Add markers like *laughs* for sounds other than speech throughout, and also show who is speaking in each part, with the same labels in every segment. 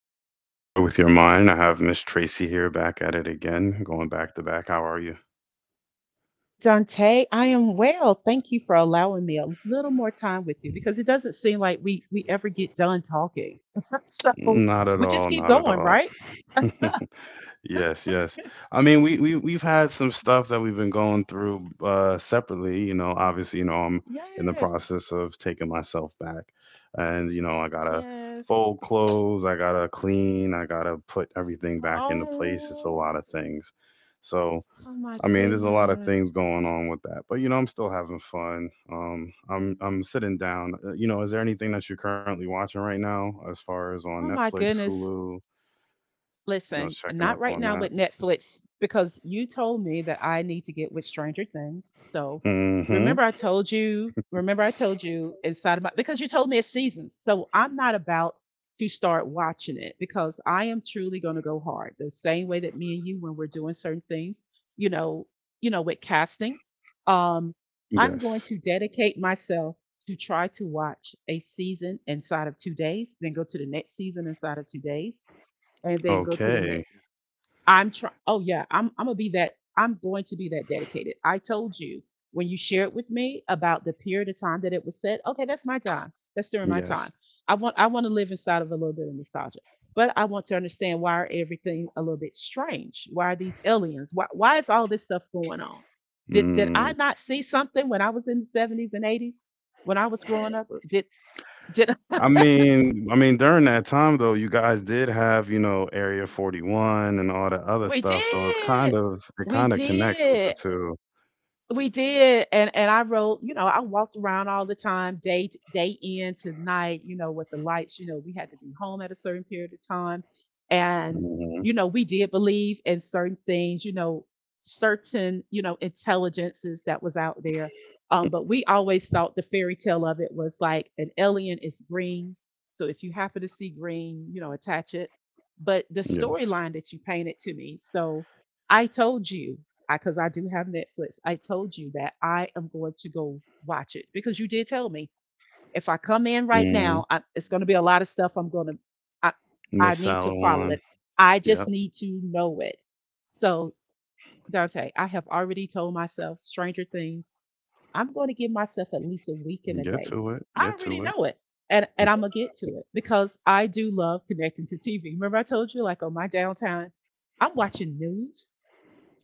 Speaker 1: with "Coy with Your Mind." I have Miss Tracy here back at it again, going back to back. How are you?
Speaker 2: Dante, I am well. Thank you for allowing me a little more time with you because it doesn't seem like we ever get done talking. *laughs* So
Speaker 1: Not at
Speaker 2: we
Speaker 1: all.
Speaker 2: just keep
Speaker 1: Not at
Speaker 2: going,
Speaker 1: all.
Speaker 2: right? *laughs*
Speaker 1: *laughs*
Speaker 2: God.
Speaker 1: Yes, yes. I mean, we've had some stuff that we've been going through separately, you know, obviously, you know, I'm in the
Speaker 2: Yes,
Speaker 1: process of taking myself back, and you know, I got to
Speaker 2: yes.
Speaker 1: fold clothes, I got to clean, I got to put everything back into place. It's a lot
Speaker 2: Oh,
Speaker 1: of things. So,
Speaker 2: oh my
Speaker 1: I mean, there's a lot of
Speaker 2: goodness.
Speaker 1: things going on with that, but you know, I'm still having fun. I'm sitting down. You know, is there anything that you're currently watching right now, as far as on
Speaker 2: Oh my
Speaker 1: Netflix,
Speaker 2: goodness.
Speaker 1: Hulu? You know,
Speaker 2: Listen,
Speaker 1: checking
Speaker 2: not
Speaker 1: up
Speaker 2: right
Speaker 1: on
Speaker 2: now
Speaker 1: that.
Speaker 2: with Netflix because you told me that I need to get with Stranger Things. So
Speaker 1: Mm-hmm.
Speaker 2: remember, I told you inside of my, because you told me it's seasons. So I'm not about to start watching it because I am truly going to go hard the same way that me and you, when we're doing certain things, you know, you know, with casting. Um, I'm going
Speaker 1: Yes.
Speaker 2: to dedicate myself to try to watch a season inside of 2 days, then go to the next season inside of 2 days, and then go to the
Speaker 1: Okay.
Speaker 2: next. I'm trying. Oh yeah, I'm gonna be that. I'm going to be that dedicated. I told you when you shared with me about the period of time that it was said. Okay, that's my time. That's during my
Speaker 1: Yes.
Speaker 2: time. I want to live inside of a little bit of nostalgia, but I want to understand why are everything a little bit strange? Why are these aliens? Why is all this stuff going on? Did
Speaker 1: Mm.
Speaker 2: I not see something when I was in the 70s and eighties when I was growing up? Did.
Speaker 1: I mean, during that time though, you guys did have, you know, Area 41 and all the
Speaker 2: *laughs*
Speaker 1: other
Speaker 2: we
Speaker 1: stuff, so it's kind
Speaker 2: did
Speaker 1: of it
Speaker 2: we
Speaker 1: kind of connects with the
Speaker 2: did
Speaker 1: 2.
Speaker 2: We did, and I wrote, you know, I walked around all the time, day in to night, you know, with the lights. You know, we had to be home at a certain period of time, and
Speaker 1: Mm-hmm.
Speaker 2: you know, we did believe in certain things, you know, certain you know intelligences that was out there. But we always thought the fairy tale of it was like an alien is green, so if you happen to see green, you know, attach it. But the
Speaker 1: Yes.
Speaker 2: storyline that you painted to me, so I told you I because I do have Netflix. I told you that I am going to go watch it because you did tell me if I come in right
Speaker 1: Mm-hmm.
Speaker 2: now, it's going to be a lot of stuff. I,
Speaker 1: Miss
Speaker 2: I need to
Speaker 1: Salad
Speaker 2: follow
Speaker 1: one.
Speaker 2: it. I just
Speaker 1: Yep.
Speaker 2: need to know it. So Dante, I have already told myself Stranger Things. I'm going to give myself at least a week and a
Speaker 1: Get
Speaker 2: day.
Speaker 1: to it.
Speaker 2: I
Speaker 1: Get
Speaker 2: already
Speaker 1: to it.
Speaker 2: know it. And
Speaker 1: *laughs*
Speaker 2: I'm gonna get to it because I do love connecting to TV. Remember, I told you like on my downtime, I'm watching news.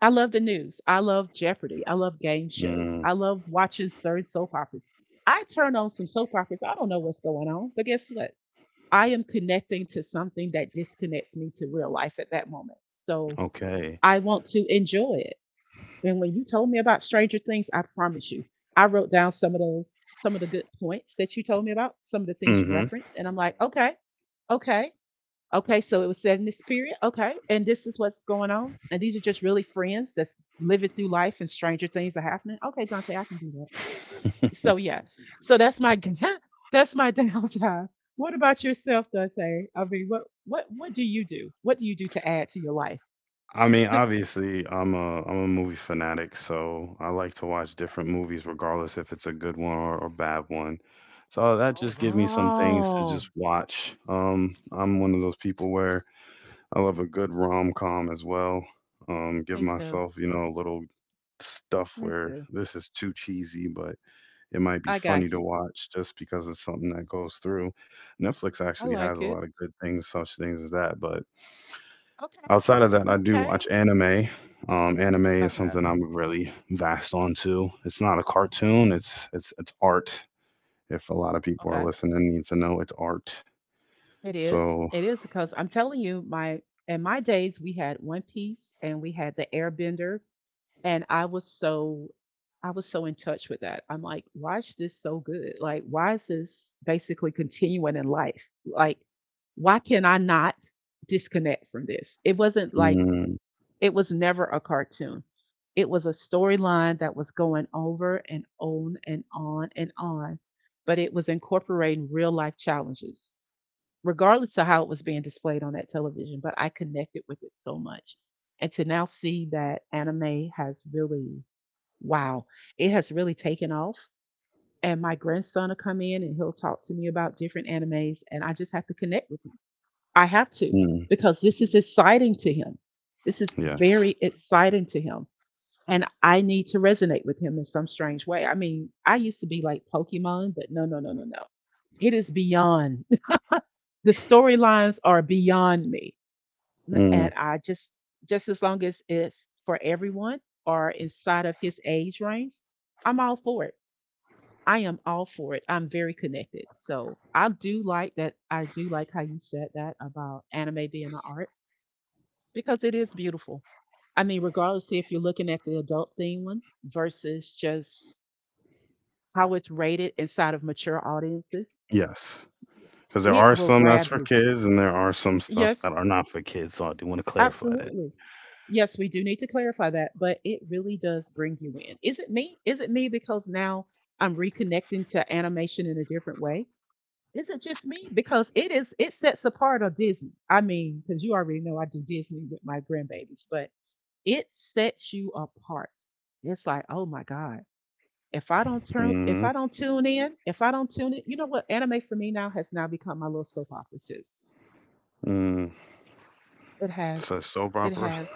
Speaker 2: I love the news. I love Jeopardy. I love game shows.
Speaker 1: Mm,
Speaker 2: I love watching certain soap operas. I turn on some soap operas. I don't know what's going on, but guess what? I am connecting to something that disconnects me to real life at that moment. So
Speaker 1: okay.
Speaker 2: I want to enjoy it. And when you told me about Stranger Things, I promise you, I wrote down some of those, some of the good points that you told me about, some of the things you
Speaker 1: Hmm.
Speaker 2: referenced. And I'm like, okay, okay, okay, so it was set in the spirit. Okay, and this is what's going on. And these are just really friends that's living through life, and stranger things are happening. Okay, Dante, I can do that.
Speaker 1: *laughs*
Speaker 2: So yeah, so that's my *laughs* that's my downtime. What about yourself, Dante? I mean, what do you do? What do you do to add to your life?
Speaker 1: I mean, obviously, I'm a movie fanatic, so I like to watch
Speaker 2: Okay.
Speaker 1: different movies, regardless if it's a good one or a bad one. So that
Speaker 2: Oh
Speaker 1: just gives me some things to
Speaker 2: wow,
Speaker 1: just watch. I'm one of those people where I love a good rom com as well. Give
Speaker 2: me too,
Speaker 1: myself, you know, a little stuff
Speaker 2: me
Speaker 1: where
Speaker 2: too.
Speaker 1: this is too cheesy, but it might be
Speaker 2: I
Speaker 1: funny
Speaker 2: got
Speaker 1: to
Speaker 2: you.
Speaker 1: watch just because it's something that goes through. Netflix
Speaker 2: I
Speaker 1: actually has
Speaker 2: like
Speaker 1: a
Speaker 2: it.
Speaker 1: lot of good things, such things as that. But
Speaker 2: Okay,
Speaker 1: outside of that, I do
Speaker 2: okay,
Speaker 1: watch anime. Anime is
Speaker 2: okay,
Speaker 1: something I'm really vast onto. It's not a cartoon.
Speaker 2: okay,
Speaker 1: It's art. If a lot of people are
Speaker 2: okay.
Speaker 1: listening, need to know it's art.
Speaker 2: It is.
Speaker 1: So,
Speaker 2: It is because I'm telling you, my in my days we had One Piece and we had the Airbender, and I was so in touch with that. I'm like, why is this so good? Like, why is this basically continuing in life? Like, why can I not disconnect from this? It wasn't like
Speaker 1: mm,
Speaker 2: it was never a cartoon. It was a storyline that was going over and on and on and on, but it was incorporating real life challenges regardless of how it was being displayed on that television, but I connected with it so much. And to now see that anime has really, wow, it has really taken off. And my grandson will come in and he'll talk to me about different animes, and I just have to connect with him. I have to
Speaker 1: mm,
Speaker 2: because this is exciting to him. This is
Speaker 1: yes,
Speaker 2: very exciting to him. And I need to resonate with him in some strange way. I mean, I used to be like Pokemon, but no, no, no, no, no. It is beyond. *laughs* The storylines are beyond me.
Speaker 1: mm,
Speaker 2: And just as long as it's for everyone or inside of his age range, I'm all for it. I am all for it. I'm very connected. So I do like that. I do like how you said that about anime being an art because it is beautiful. I mean, regardless if you're looking at the adult theme one versus just how it's rated inside of mature audiences,
Speaker 1: yes. Because there
Speaker 2: it
Speaker 1: are
Speaker 2: will
Speaker 1: some that's
Speaker 2: grab
Speaker 1: for
Speaker 2: you.
Speaker 1: kids, and there are some stuff
Speaker 2: Yes,
Speaker 1: that are not for kids. So I do want to clarify that.
Speaker 2: absolutely. Yes, we do need to clarify that, but it really does bring you in. Is it me? Is it me because now I'm reconnecting to animation in a different way? Is it just me? Because it sets apart a Disney. I mean, because you already know I do Disney with my grandbabies, but it sets you apart. It's like, oh my God.
Speaker 1: Mm-hmm.
Speaker 2: If I don't tune in, if I don't tune it, you know what? Anime for me now has now become my little soap opera too.
Speaker 1: Mm-hmm.
Speaker 2: It has.
Speaker 1: So soap
Speaker 2: It
Speaker 1: opera?
Speaker 2: has.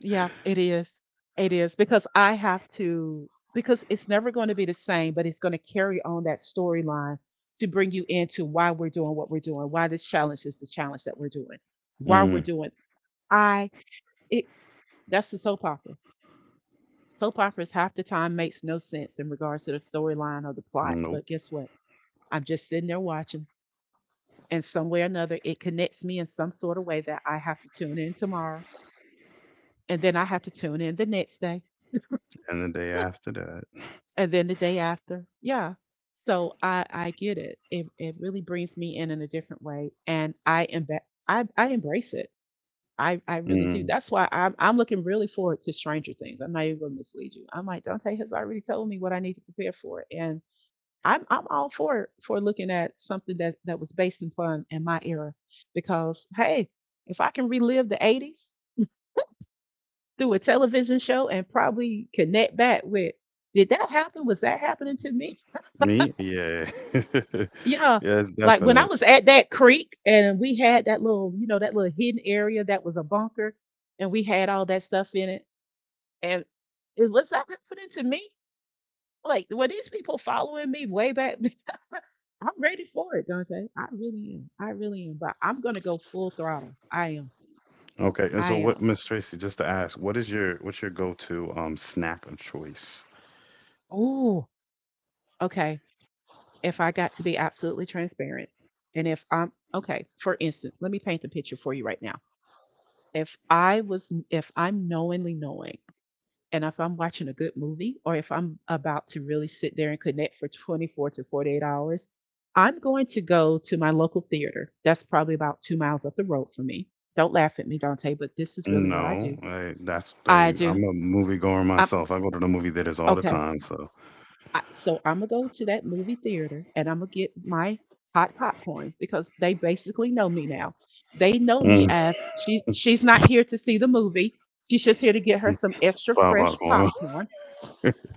Speaker 2: Yeah, it is. It is because I have to because it's never going to be the same, but it's going to carry on that storyline to bring you into why we're doing what we're doing, why this challenge is the challenge that we're doing, why we're
Speaker 1: Mm.
Speaker 2: doing. I it That's the soap opera. Soap operas half the time makes no sense in regards to the storyline or the plot,
Speaker 1: Nope.
Speaker 2: but guess what? I'm just sitting there watching, and some way or another, it connects me in some sort of way that I have to tune in tomorrow, and then I have to tune in the next day
Speaker 1: And the day after that.
Speaker 2: and then the day after. Yeah, so I get it. It really brings me in a different way, and I am, I embrace it. I really do.
Speaker 1: Mm,
Speaker 2: That's why I'm looking really forward to Stranger Things. I'm not even gonna mislead you. I'm like, Dante has already told me what I need to prepare for, and I'm all for looking at something that was based upon in my era because hey, if I can relive the 80s through a television show and probably connect back with, did that happen? Was that happening to me?
Speaker 1: me? Yeah. *laughs*
Speaker 2: Yeah.
Speaker 1: Yeah, it's
Speaker 2: Like when I
Speaker 1: definite.
Speaker 2: was at that creek and we had that little, you know, that little hidden area that was a bunker and we had all that stuff in it. And it was that put into me. Like, were these people following me way back? *laughs* I'm ready for it, Dante. I really am. I really am. But I'm gonna go full throttle. I am.
Speaker 1: Okay. And
Speaker 2: I
Speaker 1: so what,
Speaker 2: am.
Speaker 1: Miss
Speaker 2: Okay.
Speaker 1: Tracy, just to ask, what is your what's your go-to snack of choice?
Speaker 2: Oh, okay. If I got to be absolutely transparent, and if I'm okay, for instance, let me paint the picture for you right now. If I'm knowingly knowing and if I'm watching a good movie or if I'm about to really sit there and connect for 24 to 48 hours, I'm going to go to my local theater. That's probably about 2 miles up the road for me. Don't laugh at me, Dante, but this is really what I
Speaker 1: No,
Speaker 2: do.
Speaker 1: I, that's
Speaker 2: I
Speaker 1: I,
Speaker 2: do.
Speaker 1: I'm a movie goer
Speaker 2: I'm
Speaker 1: myself. I go to the movie theaters all the
Speaker 2: okay.
Speaker 1: time, so
Speaker 2: So I'm gonna go to that movie theater and I'm gonna get my hot popcorn because they basically know me now. They know me
Speaker 1: mm.
Speaker 2: as she. She's not here to see the movie. She's just here to get her some
Speaker 1: *laughs*
Speaker 2: extra
Speaker 1: pop
Speaker 2: fresh
Speaker 1: popcorn.
Speaker 2: popcorn.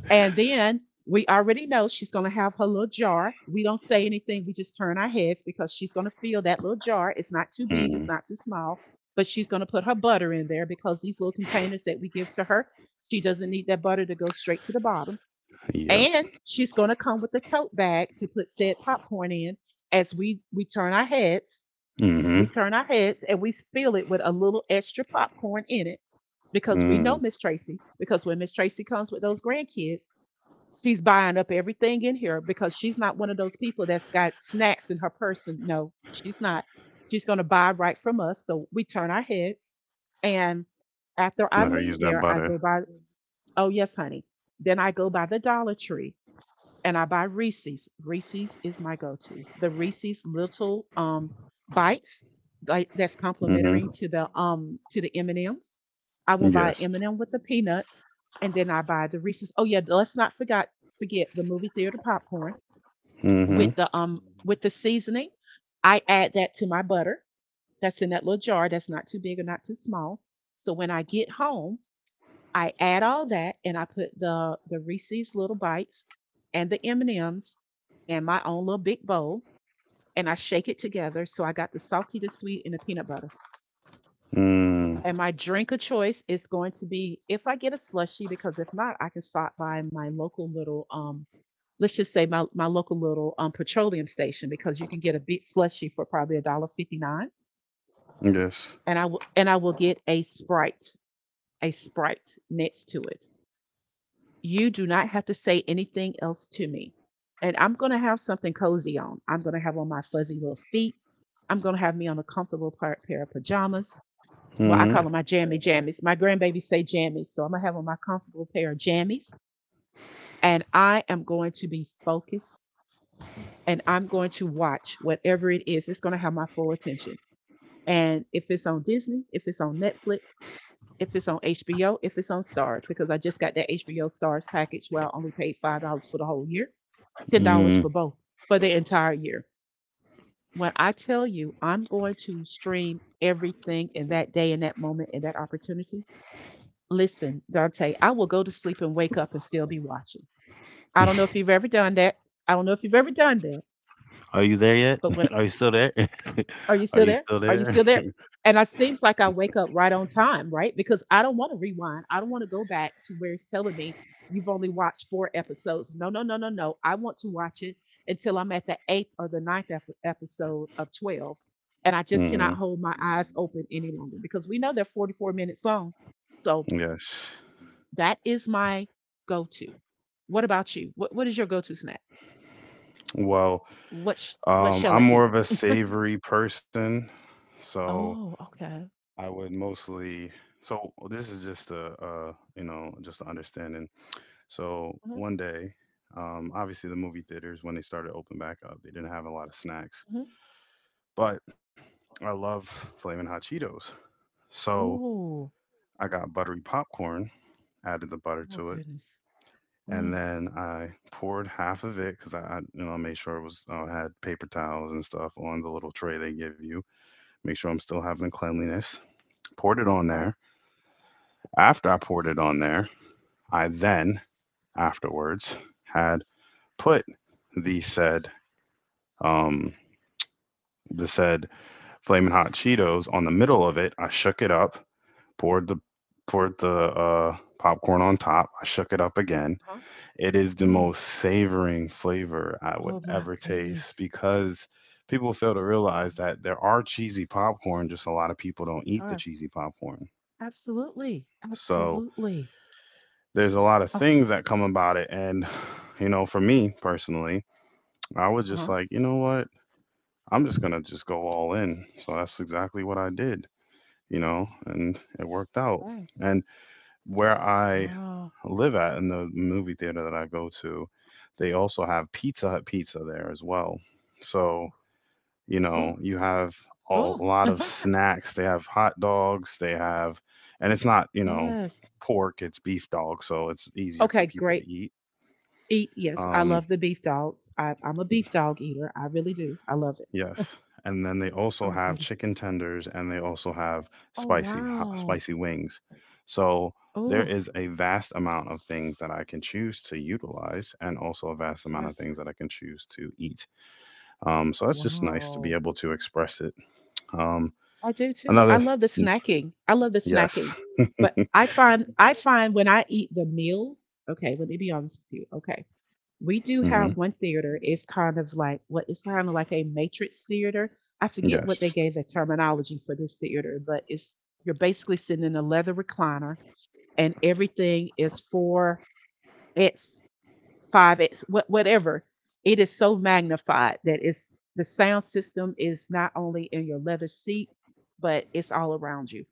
Speaker 2: And then we already know she's going to have her little jar. We don't say anything, we just turn our heads because she's going to feel that little jar. It's not too big, it's
Speaker 1: Mm,
Speaker 2: not too small, but she's going to put her butter in there because these little containers that we give to her, she doesn't need that butter to go straight to the bottom.
Speaker 1: yep.
Speaker 2: And she's going to come with a tote bag to put said popcorn in as we turn our heads. We
Speaker 1: Mm-hmm.
Speaker 2: turn our heads and we fill it with a little extra popcorn in it because we know
Speaker 1: Mm.
Speaker 2: Miss Tracy. Because when Miss Tracy comes with those grandkids, she's buying up everything in here because she's not one of those people that's got snacks in her person. No, she's not. She's going to buy right from us. So we turn our heads. And after I
Speaker 1: Let her use
Speaker 2: leave
Speaker 1: that
Speaker 2: there, I
Speaker 1: butter.
Speaker 2: go by, oh, yes, honey. Then I go by the Dollar Tree and I buy Reese's. Reese's is my go-to. The Reese's little bites like that's
Speaker 1: Mm-hmm.
Speaker 2: complimentary to the M&Ms. I will buy
Speaker 1: Yes.
Speaker 2: M&M with the peanuts and then I buy the Reese's. Oh yeah, let's not forget the movie theater popcorn
Speaker 1: Mm-hmm.
Speaker 2: with the seasoning. I add that to my butter that's in that little jar that's not too big or not too small. So when I get home, I add all that and I put the Reese's little bites and the M&Ms and M's and my own little big bowl and I shake it together so I got the salty, the sweet and the peanut butter.
Speaker 1: Mm.
Speaker 2: And my drink of choice is going to be if I get a slushie. Because if not, I can stop by my local little let's just say my local little petroleum station, because you can get a big slushie for probably a dollar 59.
Speaker 1: Yes.
Speaker 2: And I will, and I will get a Sprite next to it. You do not have to say anything else to me. And I'm going to have something cozy on. I'm going to have on my fuzzy little feet. I'm going to have me on a comfortable pair of pajamas. Well, I call them my jammy jammies. My grandbabies say jammies. So I'm going to have on my comfortable pair of jammies. And I am going to be focused and I'm going to watch whatever it is. It's going to have my full attention. And if it's on Disney, if it's on Netflix, if it's on HBO, if it's on Stars, because I just got that HBO Stars package where I only paid $5 for the whole year, $10
Speaker 1: Mm.
Speaker 2: for both for the entire year. When I tell you I'm going to stream everything in that day, in that moment, in that opportunity, listen, Dante, I will go to sleep and wake up and still be watching. I don't know if
Speaker 1: *laughs*
Speaker 2: you've ever done that. I don't know if you've ever done that,
Speaker 1: Are you there yet?
Speaker 2: but when
Speaker 1: *laughs* Are you still there?
Speaker 2: Are
Speaker 1: *laughs*
Speaker 2: you
Speaker 1: Are
Speaker 2: still
Speaker 1: you
Speaker 2: there?
Speaker 1: still
Speaker 2: Are you
Speaker 1: there?
Speaker 2: still there? And it seems like I wake up right on time, right? Because I don't want to rewind. I don't want to go back to where it's telling me you've only watched four episodes. No, no, no, no, no. I want to watch it until I'm at the eighth or the ninth episode of 12. And I
Speaker 1: *laughs*
Speaker 2: just
Speaker 1: Hmm.
Speaker 2: cannot hold my eyes open any longer because we know they're 44 minutes long. So
Speaker 1: Yes.
Speaker 2: that is my go to. What about you? What is your go to snack?
Speaker 1: Well,
Speaker 2: What shall
Speaker 1: I'm
Speaker 2: it
Speaker 1: more
Speaker 2: be?
Speaker 1: of a savory person, so
Speaker 2: Oh, okay.
Speaker 1: I would mostly. So this is just a, you know, just a understanding. So one day, obviously the movie theaters when they started open back up, they didn't have a lot of snacks,
Speaker 2: Hmm.
Speaker 1: but I love flaming hot Cheetos. So
Speaker 2: Ooh.
Speaker 1: I got buttery popcorn, added the butter
Speaker 2: Oh
Speaker 1: to it.
Speaker 2: goodness.
Speaker 1: And
Speaker 2: Mm.
Speaker 1: then I poured half of it because I made sure it was, I had paper towels and stuff on the little tray they give you. Make sure I'm still having cleanliness. Poured it on
Speaker 2: Okay.
Speaker 1: there. After I poured it on there, I then afterwards had put the said um the said flaming hot Cheetos on the middle of it. I shook it up, poured the poured the popcorn on top. I shook it up again.
Speaker 2: Huh?
Speaker 1: It is the
Speaker 2: Oh.
Speaker 1: most savoring flavor I would
Speaker 2: Oh my
Speaker 1: ever taste
Speaker 2: goodness.
Speaker 1: because people fail to
Speaker 2: Oh
Speaker 1: realize
Speaker 2: my
Speaker 1: that there are cheesy popcorn, just a lot of people don't
Speaker 2: goodness.
Speaker 1: eat
Speaker 2: All
Speaker 1: the
Speaker 2: right.
Speaker 1: cheesy popcorn.
Speaker 2: Absolutely.
Speaker 1: So
Speaker 2: Absolutely.
Speaker 1: there's a lot of
Speaker 2: Ah.
Speaker 1: things that come about it. And, *sighs* you know, for me personally, I was
Speaker 2: Uh
Speaker 1: just
Speaker 2: huh.
Speaker 1: like, you know what? I'm just going to just go all in. So that's exactly what I did, you know, and it worked out.
Speaker 2: Right.
Speaker 1: And where I
Speaker 2: Wow.
Speaker 1: live at in the movie theater that I go to, they also have Pizza Hut pizza there as well. So,
Speaker 2: Oh.
Speaker 1: you
Speaker 2: Oh.
Speaker 1: know, you have a
Speaker 2: Oh.
Speaker 1: lot of snacks. They have hot dogs, they have, and it's not, you
Speaker 2: *laughs*
Speaker 1: know,
Speaker 2: yes.
Speaker 1: pork, it's beef dog. So it's easier for
Speaker 2: Okay.
Speaker 1: people to
Speaker 2: Great.
Speaker 1: eat.
Speaker 2: Eat. Yes. I
Speaker 1: Um,
Speaker 2: love the beef dogs. I'm a beef dog eater. I really do. I love it.
Speaker 1: Yes, and then they also
Speaker 2: Oh
Speaker 1: have
Speaker 2: goodness.
Speaker 1: chicken tenders and they also have
Speaker 2: Oh wow.
Speaker 1: spicy wings. So there
Speaker 2: Oh.
Speaker 1: is a vast amount of things that I can choose to utilize and also a vast amount of
Speaker 2: Yes.
Speaker 1: things that I can choose to eat. So that's just nice to be
Speaker 2: Wow.
Speaker 1: able to express it. Um,
Speaker 2: I do too. I
Speaker 1: another
Speaker 2: love the snacking. I love the
Speaker 1: yes.
Speaker 2: snacking. But I find when I eat the meals, okay, let me be honest with you. Okay. We do
Speaker 1: Hmm.
Speaker 2: have one theater. It's kind of like a matrix theater. I forget what they
Speaker 1: Yes.
Speaker 2: gave the terminology for this theater, but it's you're basically sitting in a leather recliner and everything is 4X five X, whatever. It is so magnified that it's the sound system is not only in your leather seat, but it's all around you.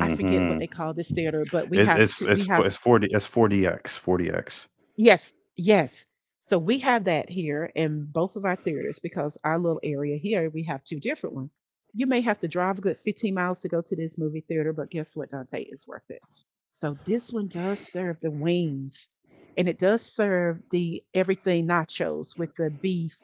Speaker 2: I forget what they call this theater, but we
Speaker 1: It's
Speaker 2: have
Speaker 1: it's
Speaker 2: two, we
Speaker 1: it's
Speaker 2: have
Speaker 1: it's 40, it's 40X, 40X.
Speaker 2: Yes, yes. So we have that here in both of our theaters because our little area here, we have two different ones. You may have to drive a good 15 miles to go to this movie theater, but guess what, Dante? It's worth it. So this one does serve the wings and it does serve the everything nachos with the beef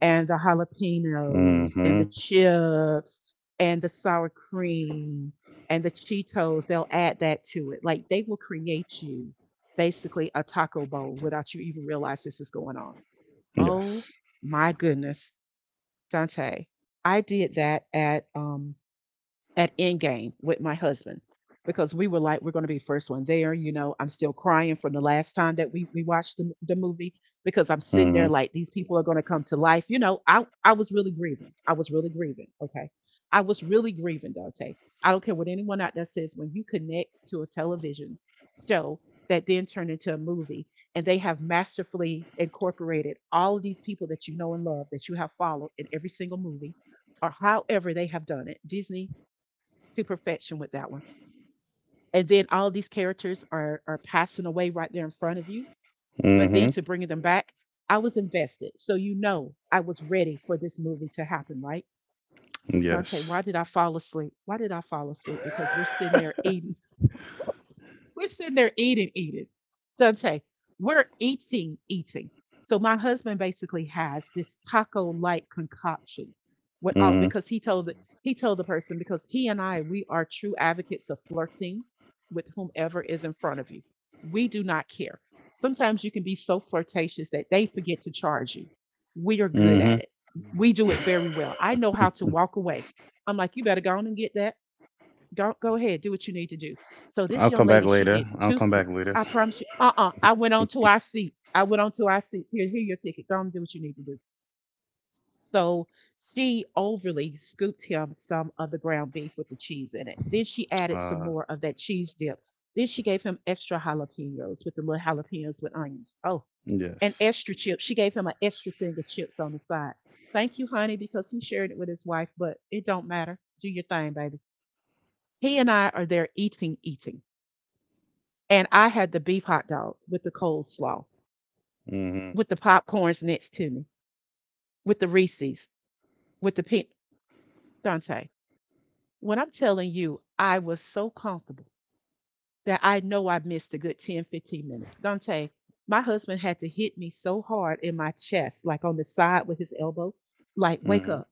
Speaker 2: and the jalapenos and
Speaker 1: Hmm.
Speaker 2: the chips and the sour cream and the Cheetos. They'll add that to it. Like, they will create you basically a taco bowl without you even realize this is going on. Oh
Speaker 1: Yes.
Speaker 2: my goodness, Dante. I did that at Endgame with my husband because we were like, we're going to be the first one there. You know, I'm still crying from the last time that we watched the movie because I'm sitting
Speaker 1: Hmm.
Speaker 2: there like, these people are going to come to life. You know, I was really grieving. I was really grieving. Okay. I was really grieving, Dante. I don't care what anyone out there says. When you connect to a television show that then turned into a movie and they have masterfully incorporated all of these people that you know and love, that you have followed in every single movie or however they have done it, Disney, to perfection with that one. And then all these characters are passing away right there in front of you. But then
Speaker 1: Hmm.
Speaker 2: to bringing them back, I was invested. So you know I was ready for this movie to happen, right? Dante, why
Speaker 1: Yes.
Speaker 2: did I fall asleep? Why did I fall asleep?
Speaker 1: *laughs*
Speaker 2: Because we're sitting there eating. We're sitting there eating, eating. Dante, we're eating, eating. So my husband basically has this taco-like concoction without
Speaker 1: Mhm.
Speaker 2: because he told he told the person because he and I, we are true advocates of flirting with whomever is in front of you. We do not care. Sometimes you can be so flirtatious that they forget to charge you. We are good at
Speaker 1: Hmm.
Speaker 2: it. We do it very well. I know how
Speaker 1: *laughs*
Speaker 2: to walk away. I'm like, you better go on and get that. Don't go ahead. Do what you need to do. So this
Speaker 1: I'll
Speaker 2: young
Speaker 1: come back
Speaker 2: lady, she
Speaker 1: later.
Speaker 2: did
Speaker 1: I'll
Speaker 2: two
Speaker 1: come
Speaker 2: scoops.
Speaker 1: back later.
Speaker 2: I promise you. I went on to our seats. I went on to our seats. Here, here your ticket. Go on and do what you need to do. So she overly scooped him some of the ground beef with the cheese in it. Then she added some
Speaker 1: Uh,
Speaker 2: more of that cheese dip. Then she gave him extra jalapenos with the little jalapenos with onions. Oh, and
Speaker 1: yes.
Speaker 2: extra chips. She gave him an extra thing of chips on the side. Thank you, honey, because he shared it with his wife, but it don't matter. Do your thing, baby. He and I are there eating, eating. And I had the beef hot dogs with the coleslaw,
Speaker 1: Hmm.
Speaker 2: with the popcorns next to me, with the Reese's, with the pink. Dante. When I'm telling you, I was so comfortable that I know I missed a good 10, 15 minutes. Dante, my husband had to hit me so hard in my chest, like on the side with his elbow, like, wake
Speaker 1: Hmm.
Speaker 2: up,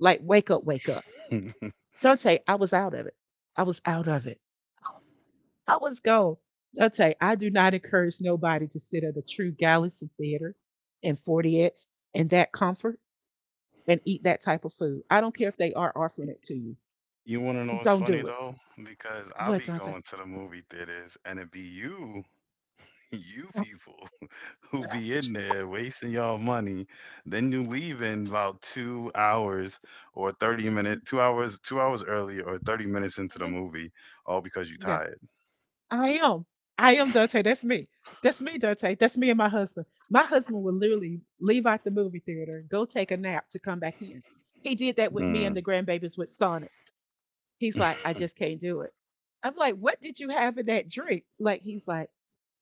Speaker 2: like, wake up, wake up.
Speaker 1: *laughs*
Speaker 2: Dante, I was out of it. I was out of it. Oh, let's go. I'll tell you, I do not encourage nobody to sit at a true galaxy theater and 40X and that comfort and eat that type of food. I don't care if they are offering it to you.
Speaker 1: You want to know what's
Speaker 2: Don't
Speaker 1: funny
Speaker 2: do it.
Speaker 1: though? Because I'll
Speaker 2: What,
Speaker 1: be
Speaker 2: Dante?
Speaker 1: going to the movie theaters, and it be you, *laughs* you people, *laughs* who be in there wasting y'all money. Then you leave in about 2 hours or 30 minutes, 2 hours early or 30 minutes into the
Speaker 2: Mhm.
Speaker 1: movie, all because you
Speaker 2: Yeah,
Speaker 1: tired.
Speaker 2: I am. I am, Dante. That's me. That's me, Dante. That's me and my husband. My husband would literally leave out the movie theater, go take a nap to come back in. He did that with me and
Speaker 1: Mm.
Speaker 2: the grandbabies with Sonic. He's like, I just
Speaker 1: *laughs*
Speaker 2: can't do it. I'm like, what did you have in that drink? Like, he's like,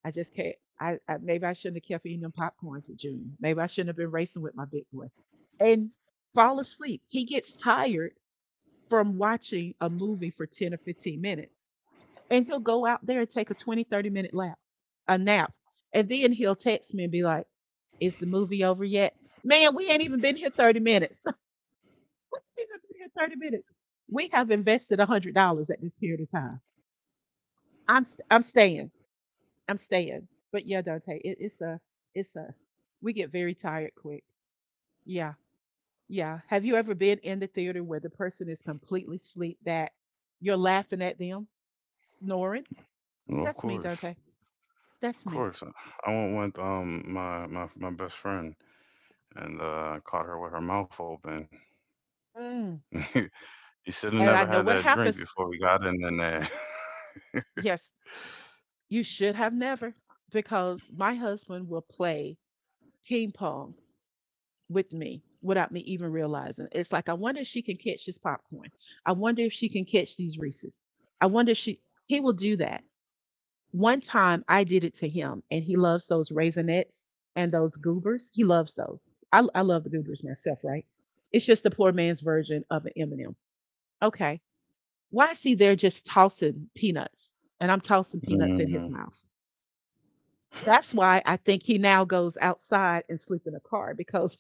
Speaker 2: I just can't. I maybe I shouldn't have kept eating them popcorns with Junior. Maybe I shouldn't have been racing with my big boy, and fall asleep. He gets tired from watching a movie for 10 or 15 minutes, and he'll go out there and take a 20, 30 minute lap, a nap, and then he'll text me and be like, "Is the movie over yet?" Man, we ain't even been here 30 minutes. *laughs* we ain't even been here 30 minutes. We have invested $100 at this period of time. I'm staying. I'm staying. But yeah, Dante, it's us. It's us. We get very tired quick. Yeah, yeah. Have you ever been in the theater where the person is completely asleep that you're laughing at them snoring?
Speaker 1: Well, of
Speaker 2: That's me,
Speaker 1: course.
Speaker 2: Dante. That's
Speaker 1: Of
Speaker 2: me.
Speaker 1: course, I went with my best friend and caught her with her mouth open.
Speaker 2: Mm.
Speaker 1: *laughs* You should have never
Speaker 2: And
Speaker 1: had
Speaker 2: I know
Speaker 1: that
Speaker 2: what
Speaker 1: drink
Speaker 2: happens.
Speaker 1: before we got in there. *laughs*
Speaker 2: Yes, you should have never, because my husband will play ping pong with me without me even realizing. It's like I wonder if she can catch this popcorn. I wonder if she can catch these Reese's. I wonder if she he will do that. One time I did it to him, and he loves those raisinets and those goobers. He loves those. I love the goobers myself, right? It's just the poor man's version of an M&M. Okay. Why is he there just tossing peanuts? And I'm tossing peanuts in
Speaker 1: Mm.
Speaker 2: his mouth. That's why I think he now goes outside and sleep in a car because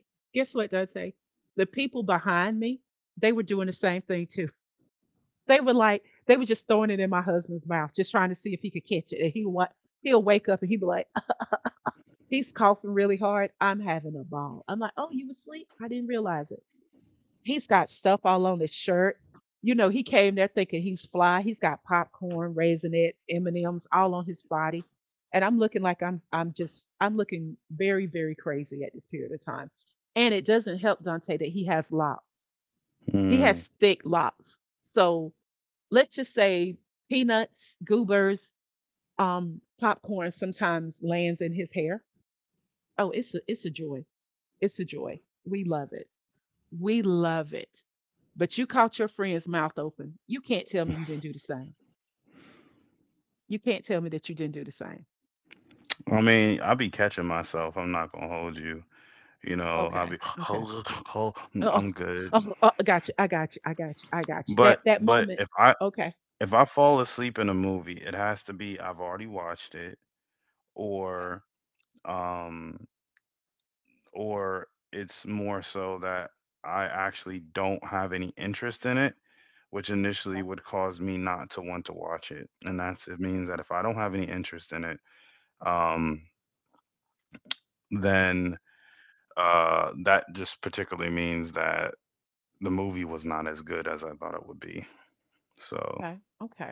Speaker 2: *laughs* guess what, Dante? The people behind me, they were doing the same thing too. They were like, they were just throwing it in my husband's mouth, just trying to see if he could catch it. He'll wake up and he'd be like, he's coughing really hard. I'm having a ball. I'm like, oh, you asleep? I didn't realize it. He's got stuff all on his shirt. You know, he came there thinking he's fly. He's got popcorn, raisinets, M and M's all on his body, and I'm looking like I'm just I'm looking very very crazy at this period of time. And it doesn't help Dante that he has locks. He has
Speaker 1: Mm.
Speaker 2: thick locks. So let's just say peanuts, goobers, popcorn sometimes lands in his hair. Oh, it's a joy. It's a joy. We love it. We love it. But you caught your friend's mouth open. You can't tell me you didn't do the same. You can't tell me that you didn't do the same.
Speaker 1: I mean, I be catching myself. I'm not gonna hold you. You know, I'll
Speaker 2: Okay.
Speaker 1: be *sighs* *gasps*
Speaker 2: Okay.
Speaker 1: hold, hold.
Speaker 2: Oh,
Speaker 1: I'm good.
Speaker 2: oh, oh, I got you. I got you. I got you. I got you.
Speaker 1: But
Speaker 2: That
Speaker 1: but
Speaker 2: moment.
Speaker 1: if I
Speaker 2: Okay.
Speaker 1: if I fall asleep in a movie, it has to be I've already watched it, or um or it's more so that I actually don't have any interest in it, which initially
Speaker 2: Okay.
Speaker 1: would cause me not to want to watch it. And that's it means that if I don't have any interest in it, um, then, that just particularly means that the movie was not as good as I thought it would be. So,
Speaker 2: Okay. Okay.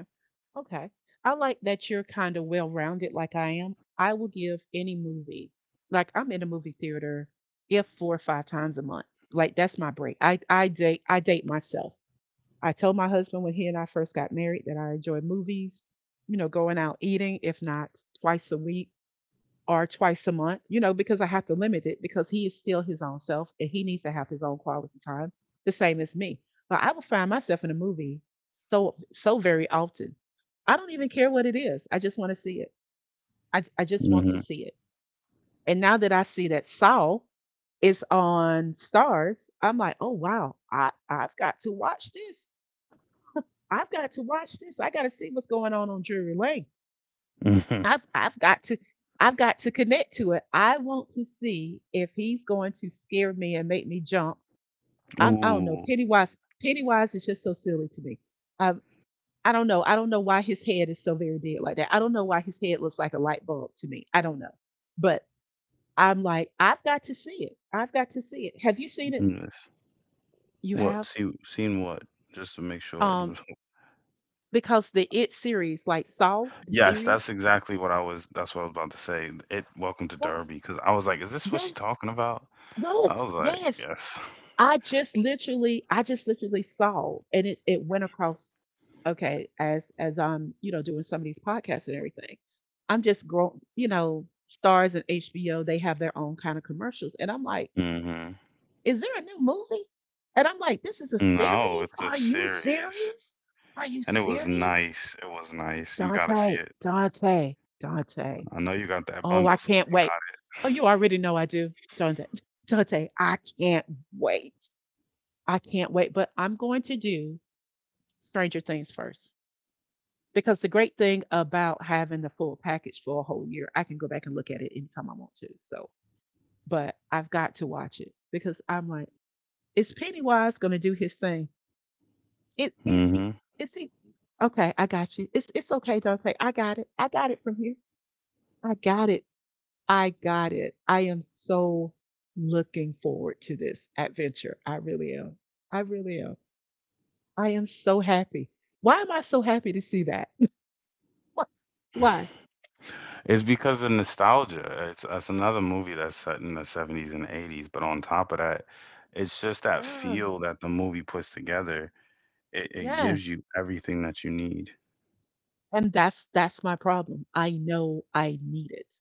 Speaker 2: Okay. I like that you're kind of well rounded like I am. I will give any movie. Like I'm in a movie theater if four or five times a month. Like that's my break. I date myself. I told my husband when he and I first got married that I enjoy movies, you know, going out eating, if not twice a week or twice a month, you know, because I have to limit it because he is still his own self and he needs to have his own quality time, the same as me. But I will find myself in a movie so very often. I don't even care what it is. I just want to see it. I just want
Speaker 1: hmm.
Speaker 2: to see it. And now that I see that Saul is on stars, I'm like, oh wow, I've got to watch this. I've got to watch this. I got to see what's going on Drury Lane.
Speaker 1: Hmm.
Speaker 2: I've I've got to I've got to connect to it. I want to see if he's going to scare me and make me jump.
Speaker 1: *laughs*
Speaker 2: I don't know.
Speaker 1: Ooh,
Speaker 2: Pennywise is just so silly to me. Um, I don't know. I don't know why his head is so very big like that. I don't know why his head looks like a light bulb to me. I don't know. But I'm like, I've got to see it. I've got to see it. Have you seen it?
Speaker 1: yes.
Speaker 2: You
Speaker 1: What?
Speaker 2: have.
Speaker 1: Seen what? Just to make sure. *laughs*
Speaker 2: Um, because the It series, like Saw, the
Speaker 1: Yes,
Speaker 2: series,
Speaker 1: that's what I was about to say. It Welcome to
Speaker 2: yes,
Speaker 1: Derby, because I was like, "Is this what she
Speaker 2: yes,
Speaker 1: talking about?"
Speaker 2: Yes,
Speaker 1: I was like,
Speaker 2: yes.
Speaker 1: "Yes."
Speaker 2: I just literally saw, and it went across. Okay, as I'm, you know, doing some of these podcasts and everything, I'm just grow, you know, stars and HBO. They have their own kind of commercials, and I'm like,
Speaker 1: Mhm.
Speaker 2: is there a new movie? And I'm like, this is a
Speaker 1: No,
Speaker 2: series.
Speaker 1: it's a
Speaker 2: Are you
Speaker 1: series,
Speaker 2: serious? Are you
Speaker 1: and it was
Speaker 2: serious,
Speaker 1: nice, it was nice. You gotta see
Speaker 2: Dante?
Speaker 1: it.
Speaker 2: Dante.
Speaker 1: I know you got that
Speaker 2: Oh, I
Speaker 1: bundle, so
Speaker 2: can't
Speaker 1: you
Speaker 2: wait.
Speaker 1: got
Speaker 2: Oh, you already know I do, Dante. *laughs* Dante, I can't wait. I can't wait, but I'm going to do Stranger Things first because the great thing about having the full package for a whole year, I can go back and look at it anytime I want to. So, but I've got to watch it because I'm like, is Pennywise going to do his thing? It,
Speaker 1: it.
Speaker 2: is he?
Speaker 1: Mhm.
Speaker 2: Is he? Okay, I got you. It's okay, Dante. I got it. I got it from here. I got it. I got it. I am so looking forward to this adventure. I really am. I really am. I am so happy. Why am I so happy to see that? *laughs* Why?
Speaker 1: It's because of nostalgia. It's That's another movie that's set in the 70s and 80s, but on top of that, it's just that
Speaker 2: Yeah,
Speaker 1: feel that the movie puts together. It
Speaker 2: yes.
Speaker 1: gives you everything that you need.
Speaker 2: And that's my problem. I know I need it.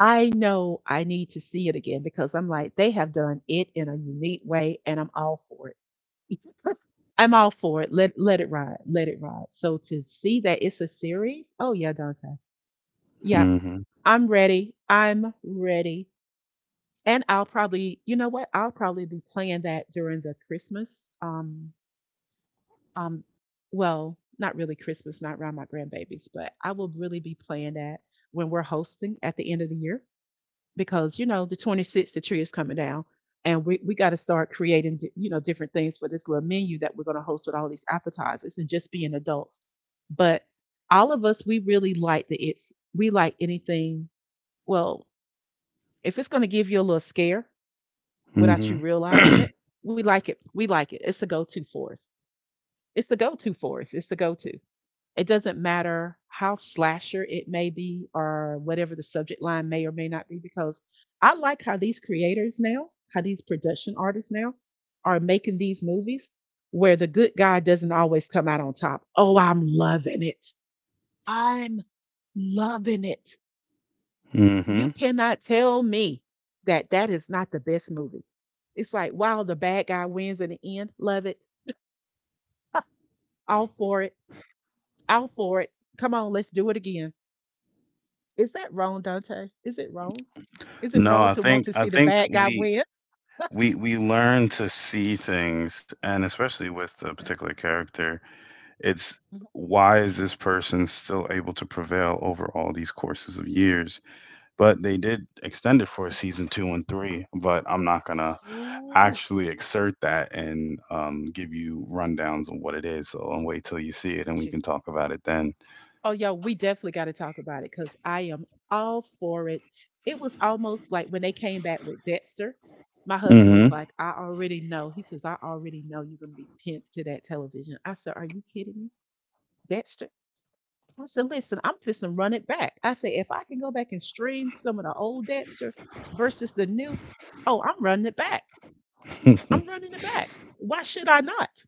Speaker 2: I know I need to see it again because I'm like, they have done it in a unique way and I'm all for it. *laughs* I'm all for it. Let it ride. Let it ride. So to see that it's a series, oh yeah, Dante. Yeah,
Speaker 1: Mhm.
Speaker 2: I'm ready. I'm ready. And I'll probably, you know what? I'll probably be playing that during the Christmas um Um, well, not really Christmas, not around my grandbabies, but I will really be playing that when we're hosting at the end of the year because you know the 26th the tree is coming down and we got to start creating you know different things for this little menu that we're going to host with all these appetizers and just being adults but all of us we really like the it's we like anything well if it's going to give you a little scare without you
Speaker 1: Mhm.
Speaker 2: realizing it we like it we like it it's a go-to for us it's the go-to for us it's the go-to. It doesn't matter how slasher it may be or whatever the subject line may or may not be, because I like how these creators now, how these production artists now are making these movies where the good guy doesn't always come out on top. Oh, I'm loving it. I'm loving it. You
Speaker 1: Mhm. *clears throat*
Speaker 2: cannot tell me that is not the best movie. It's like, wow, the bad guy wins in the end. Love it. All for it. All for it. Come on, let's do it again. Is that wrong, Dante? Is it wrong? Is it
Speaker 1: No,
Speaker 2: wrong
Speaker 1: I
Speaker 2: to want
Speaker 1: think
Speaker 2: to
Speaker 1: I
Speaker 2: see the
Speaker 1: think
Speaker 2: bad guy
Speaker 1: we
Speaker 2: win?
Speaker 1: we we learn to see things, and especially with a
Speaker 2: Okay.
Speaker 1: particular character, it's
Speaker 2: Mhm.
Speaker 1: why is this person still able to prevail over all these courses of years? But they did extend it for season two and three, but I'm not gonna
Speaker 2: Ooh,
Speaker 1: actually exert that and give you rundowns on what it is. So I'll wait till you see it, and
Speaker 2: got
Speaker 1: we
Speaker 2: you.
Speaker 1: can talk about it then.
Speaker 2: Oh, yo, we definitely got to talk about it because I am all for it. It was almost like when they came back with Dexter, my husband was
Speaker 1: Hmm.
Speaker 2: like, I already know. He says, I already know you're going to be pinned to that television. I said, are you kidding me? Dexter? I said, listen, I'm just to run it back. I said, if I can go back and stream some of the old Dexter versus the new, oh, I'm running it back. I'm
Speaker 1: *laughs*
Speaker 2: running it back. Why should I not?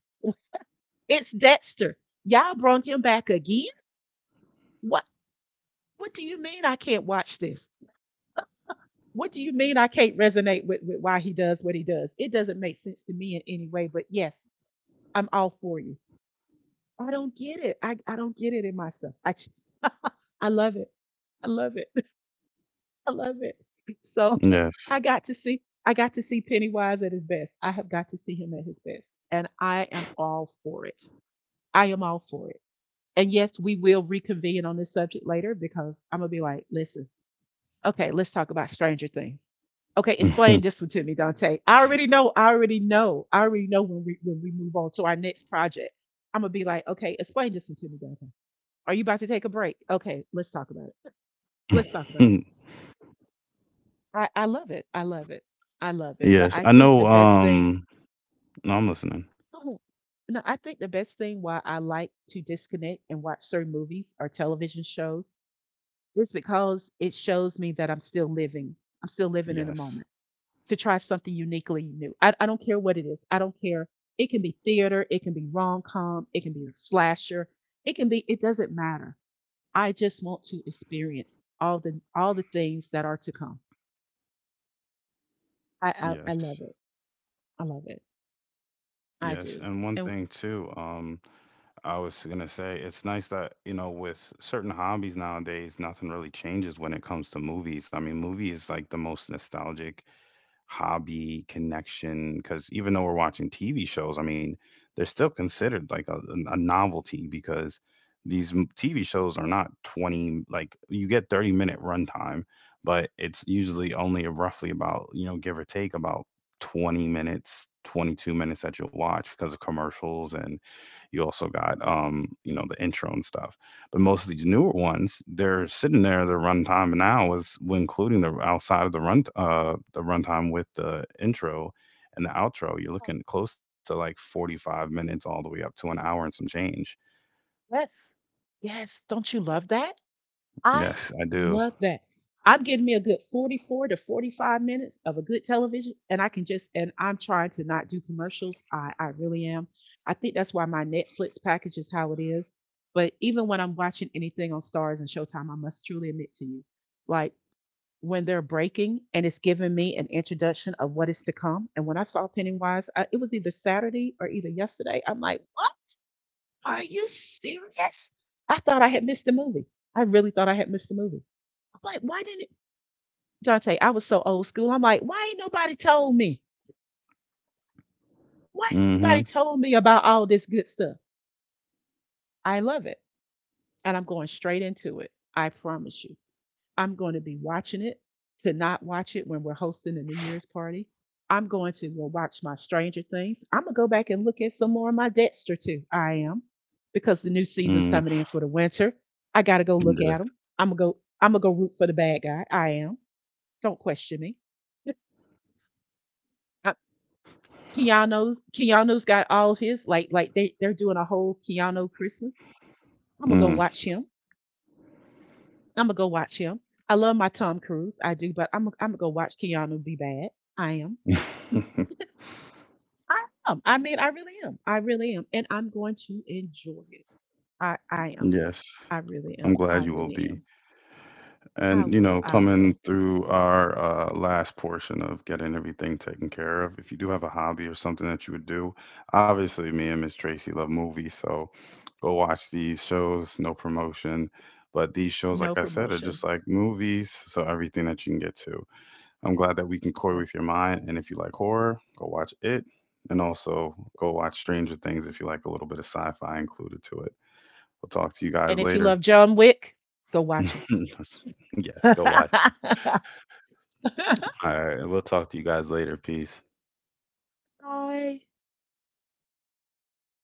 Speaker 2: It's Dexter. Y'all brought him back again? What what do you mean I can't watch this? What do you mean I can't resonate with, why he does what he does? It doesn't make sense to me in any way, but yes, I'm all for you. I don't get it. I don't get it in myself. I love it. I love it. *laughs* I love it. So *laughs*
Speaker 1: Yes.
Speaker 2: I got to see Pennywise at his best. I have got to see him at his best. And I am all for it. I am all for it. And yes, we will reconvene on this subject later because I'm gonna be like, listen, okay, let's talk about Stranger Things. Okay, explain this one to me, Dante. I already know. I already know. I already know when we move on to our next project. I'm gonna be like, okay, explain this one to me, Dante. Are you about to take a break? Okay, let's talk about it. Let's talk
Speaker 1: *laughs*
Speaker 2: about it. I love it. I love it. I love it. But
Speaker 1: Yes,
Speaker 2: I
Speaker 1: I
Speaker 2: think the
Speaker 1: know.
Speaker 2: best thing,
Speaker 1: No, I'm listening.
Speaker 2: oh, no, I think the best thing why I like to disconnect and watch certain movies or television shows, it's because it shows me that I'm still living. I'm still living in the moment
Speaker 1: Yes,
Speaker 2: to try something uniquely new. I don't care what it is. I don't care. It can be theater, it can be rom com, it can be a slasher, it can be, it doesn't matter. I just want to experience all the things that are to come. I I love
Speaker 1: yes,
Speaker 2: it. I love it. I
Speaker 1: yes.
Speaker 2: do.
Speaker 1: And one
Speaker 2: And
Speaker 1: thing too, I was gonna say, it's nice that you know, with certain hobbies nowadays, nothing really changes when it comes to movies. I mean, movie is like the most nostalgic hobby connection because even though we're watching TV shows, I mean, they're still considered like a novelty because these TV shows are not 20, like you get 30-minute runtime, but it's usually only roughly about, you know, give or take about 20 minutes, 22 minutes that you'll watch because of commercials, and you also got, you know, the intro and stuff. But most of these newer ones, they're sitting there. The runtime now is when including the outside of the runtime with the intro and the outro. You're
Speaker 2: oh,
Speaker 1: looking close to like 45 minutes all the way up to an hour and some change.
Speaker 2: yes. Yes, don't you love that? I
Speaker 1: Yes, I do.
Speaker 2: love that. I'm getting me a good 44 to 45 minutes of a good television, and I can just, and I'm trying to not do commercials. I really am. I think that's why my Netflix package is how it is. But even when I'm watching anything on Stars and Showtime, I must truly admit to you, like when they're breaking and it's giving me an introduction of what is to come. And when I saw Pennywise, it was either Saturday or either yesterday. I'm like, what? Are you serious? I thought I had missed the movie. I really thought I had missed the movie. I'm like, why didn't Dante? I was so old school. I'm like, why ain't nobody told me? Why ain't
Speaker 1: Mm-hmm.
Speaker 2: nobody told me about all this good stuff? I love it. And I'm going straight into it. I promise you. I'm going to be watching it to not watch it when we're hosting a New Year's party. I'm going to go watch my Stranger Things. I'm going to go back and look at some more of my Dexter, too. I am. Because the new season's
Speaker 1: Mm.
Speaker 2: coming in for the winter. I got to go look at them.
Speaker 1: Yes.
Speaker 2: I'm going to go. I'm gonna go root for the bad guy. I am. Don't question me. Keanu's got all of his like they they're doing a whole Keanu Christmas. I'm gonna go
Speaker 1: Mm.
Speaker 2: watch him. I'm gonna go watch him. I love my Tom Cruise, I do, but I'm gonna go watch Keanu be bad. I am.
Speaker 1: *laughs*
Speaker 2: I am. I mean, I really am. I really am, and I'm going to enjoy it. I am.
Speaker 1: Yes.
Speaker 2: I really
Speaker 1: I'm
Speaker 2: am.
Speaker 1: glad
Speaker 2: I
Speaker 1: you will
Speaker 2: really
Speaker 1: be.
Speaker 2: am. I
Speaker 1: And, you
Speaker 2: will.
Speaker 1: know,
Speaker 2: I will.
Speaker 1: coming through our last portion of getting everything taken care of, if you do have a hobby or something that you would do, obviously me and Miss Tracy love movies, so go watch these shows, no promotion. But these shows, like
Speaker 2: No
Speaker 1: I said, are
Speaker 2: promotion.
Speaker 1: just like movies, so everything that you can get to. I'm glad that we can toy
Speaker 2: Trust.
Speaker 1: with your mind. And if you like horror, go watch it. And also go watch Stranger Things if you like a little bit of sci fi included to it. We'll talk to you
Speaker 2: And
Speaker 1: guys
Speaker 2: if you
Speaker 1: later.
Speaker 2: love John Wick, go watch
Speaker 1: *laughs* Yes,
Speaker 2: him.
Speaker 1: go watch it.
Speaker 2: *laughs*
Speaker 1: All right. We'll talk to you guys later. Peace.
Speaker 2: Bye.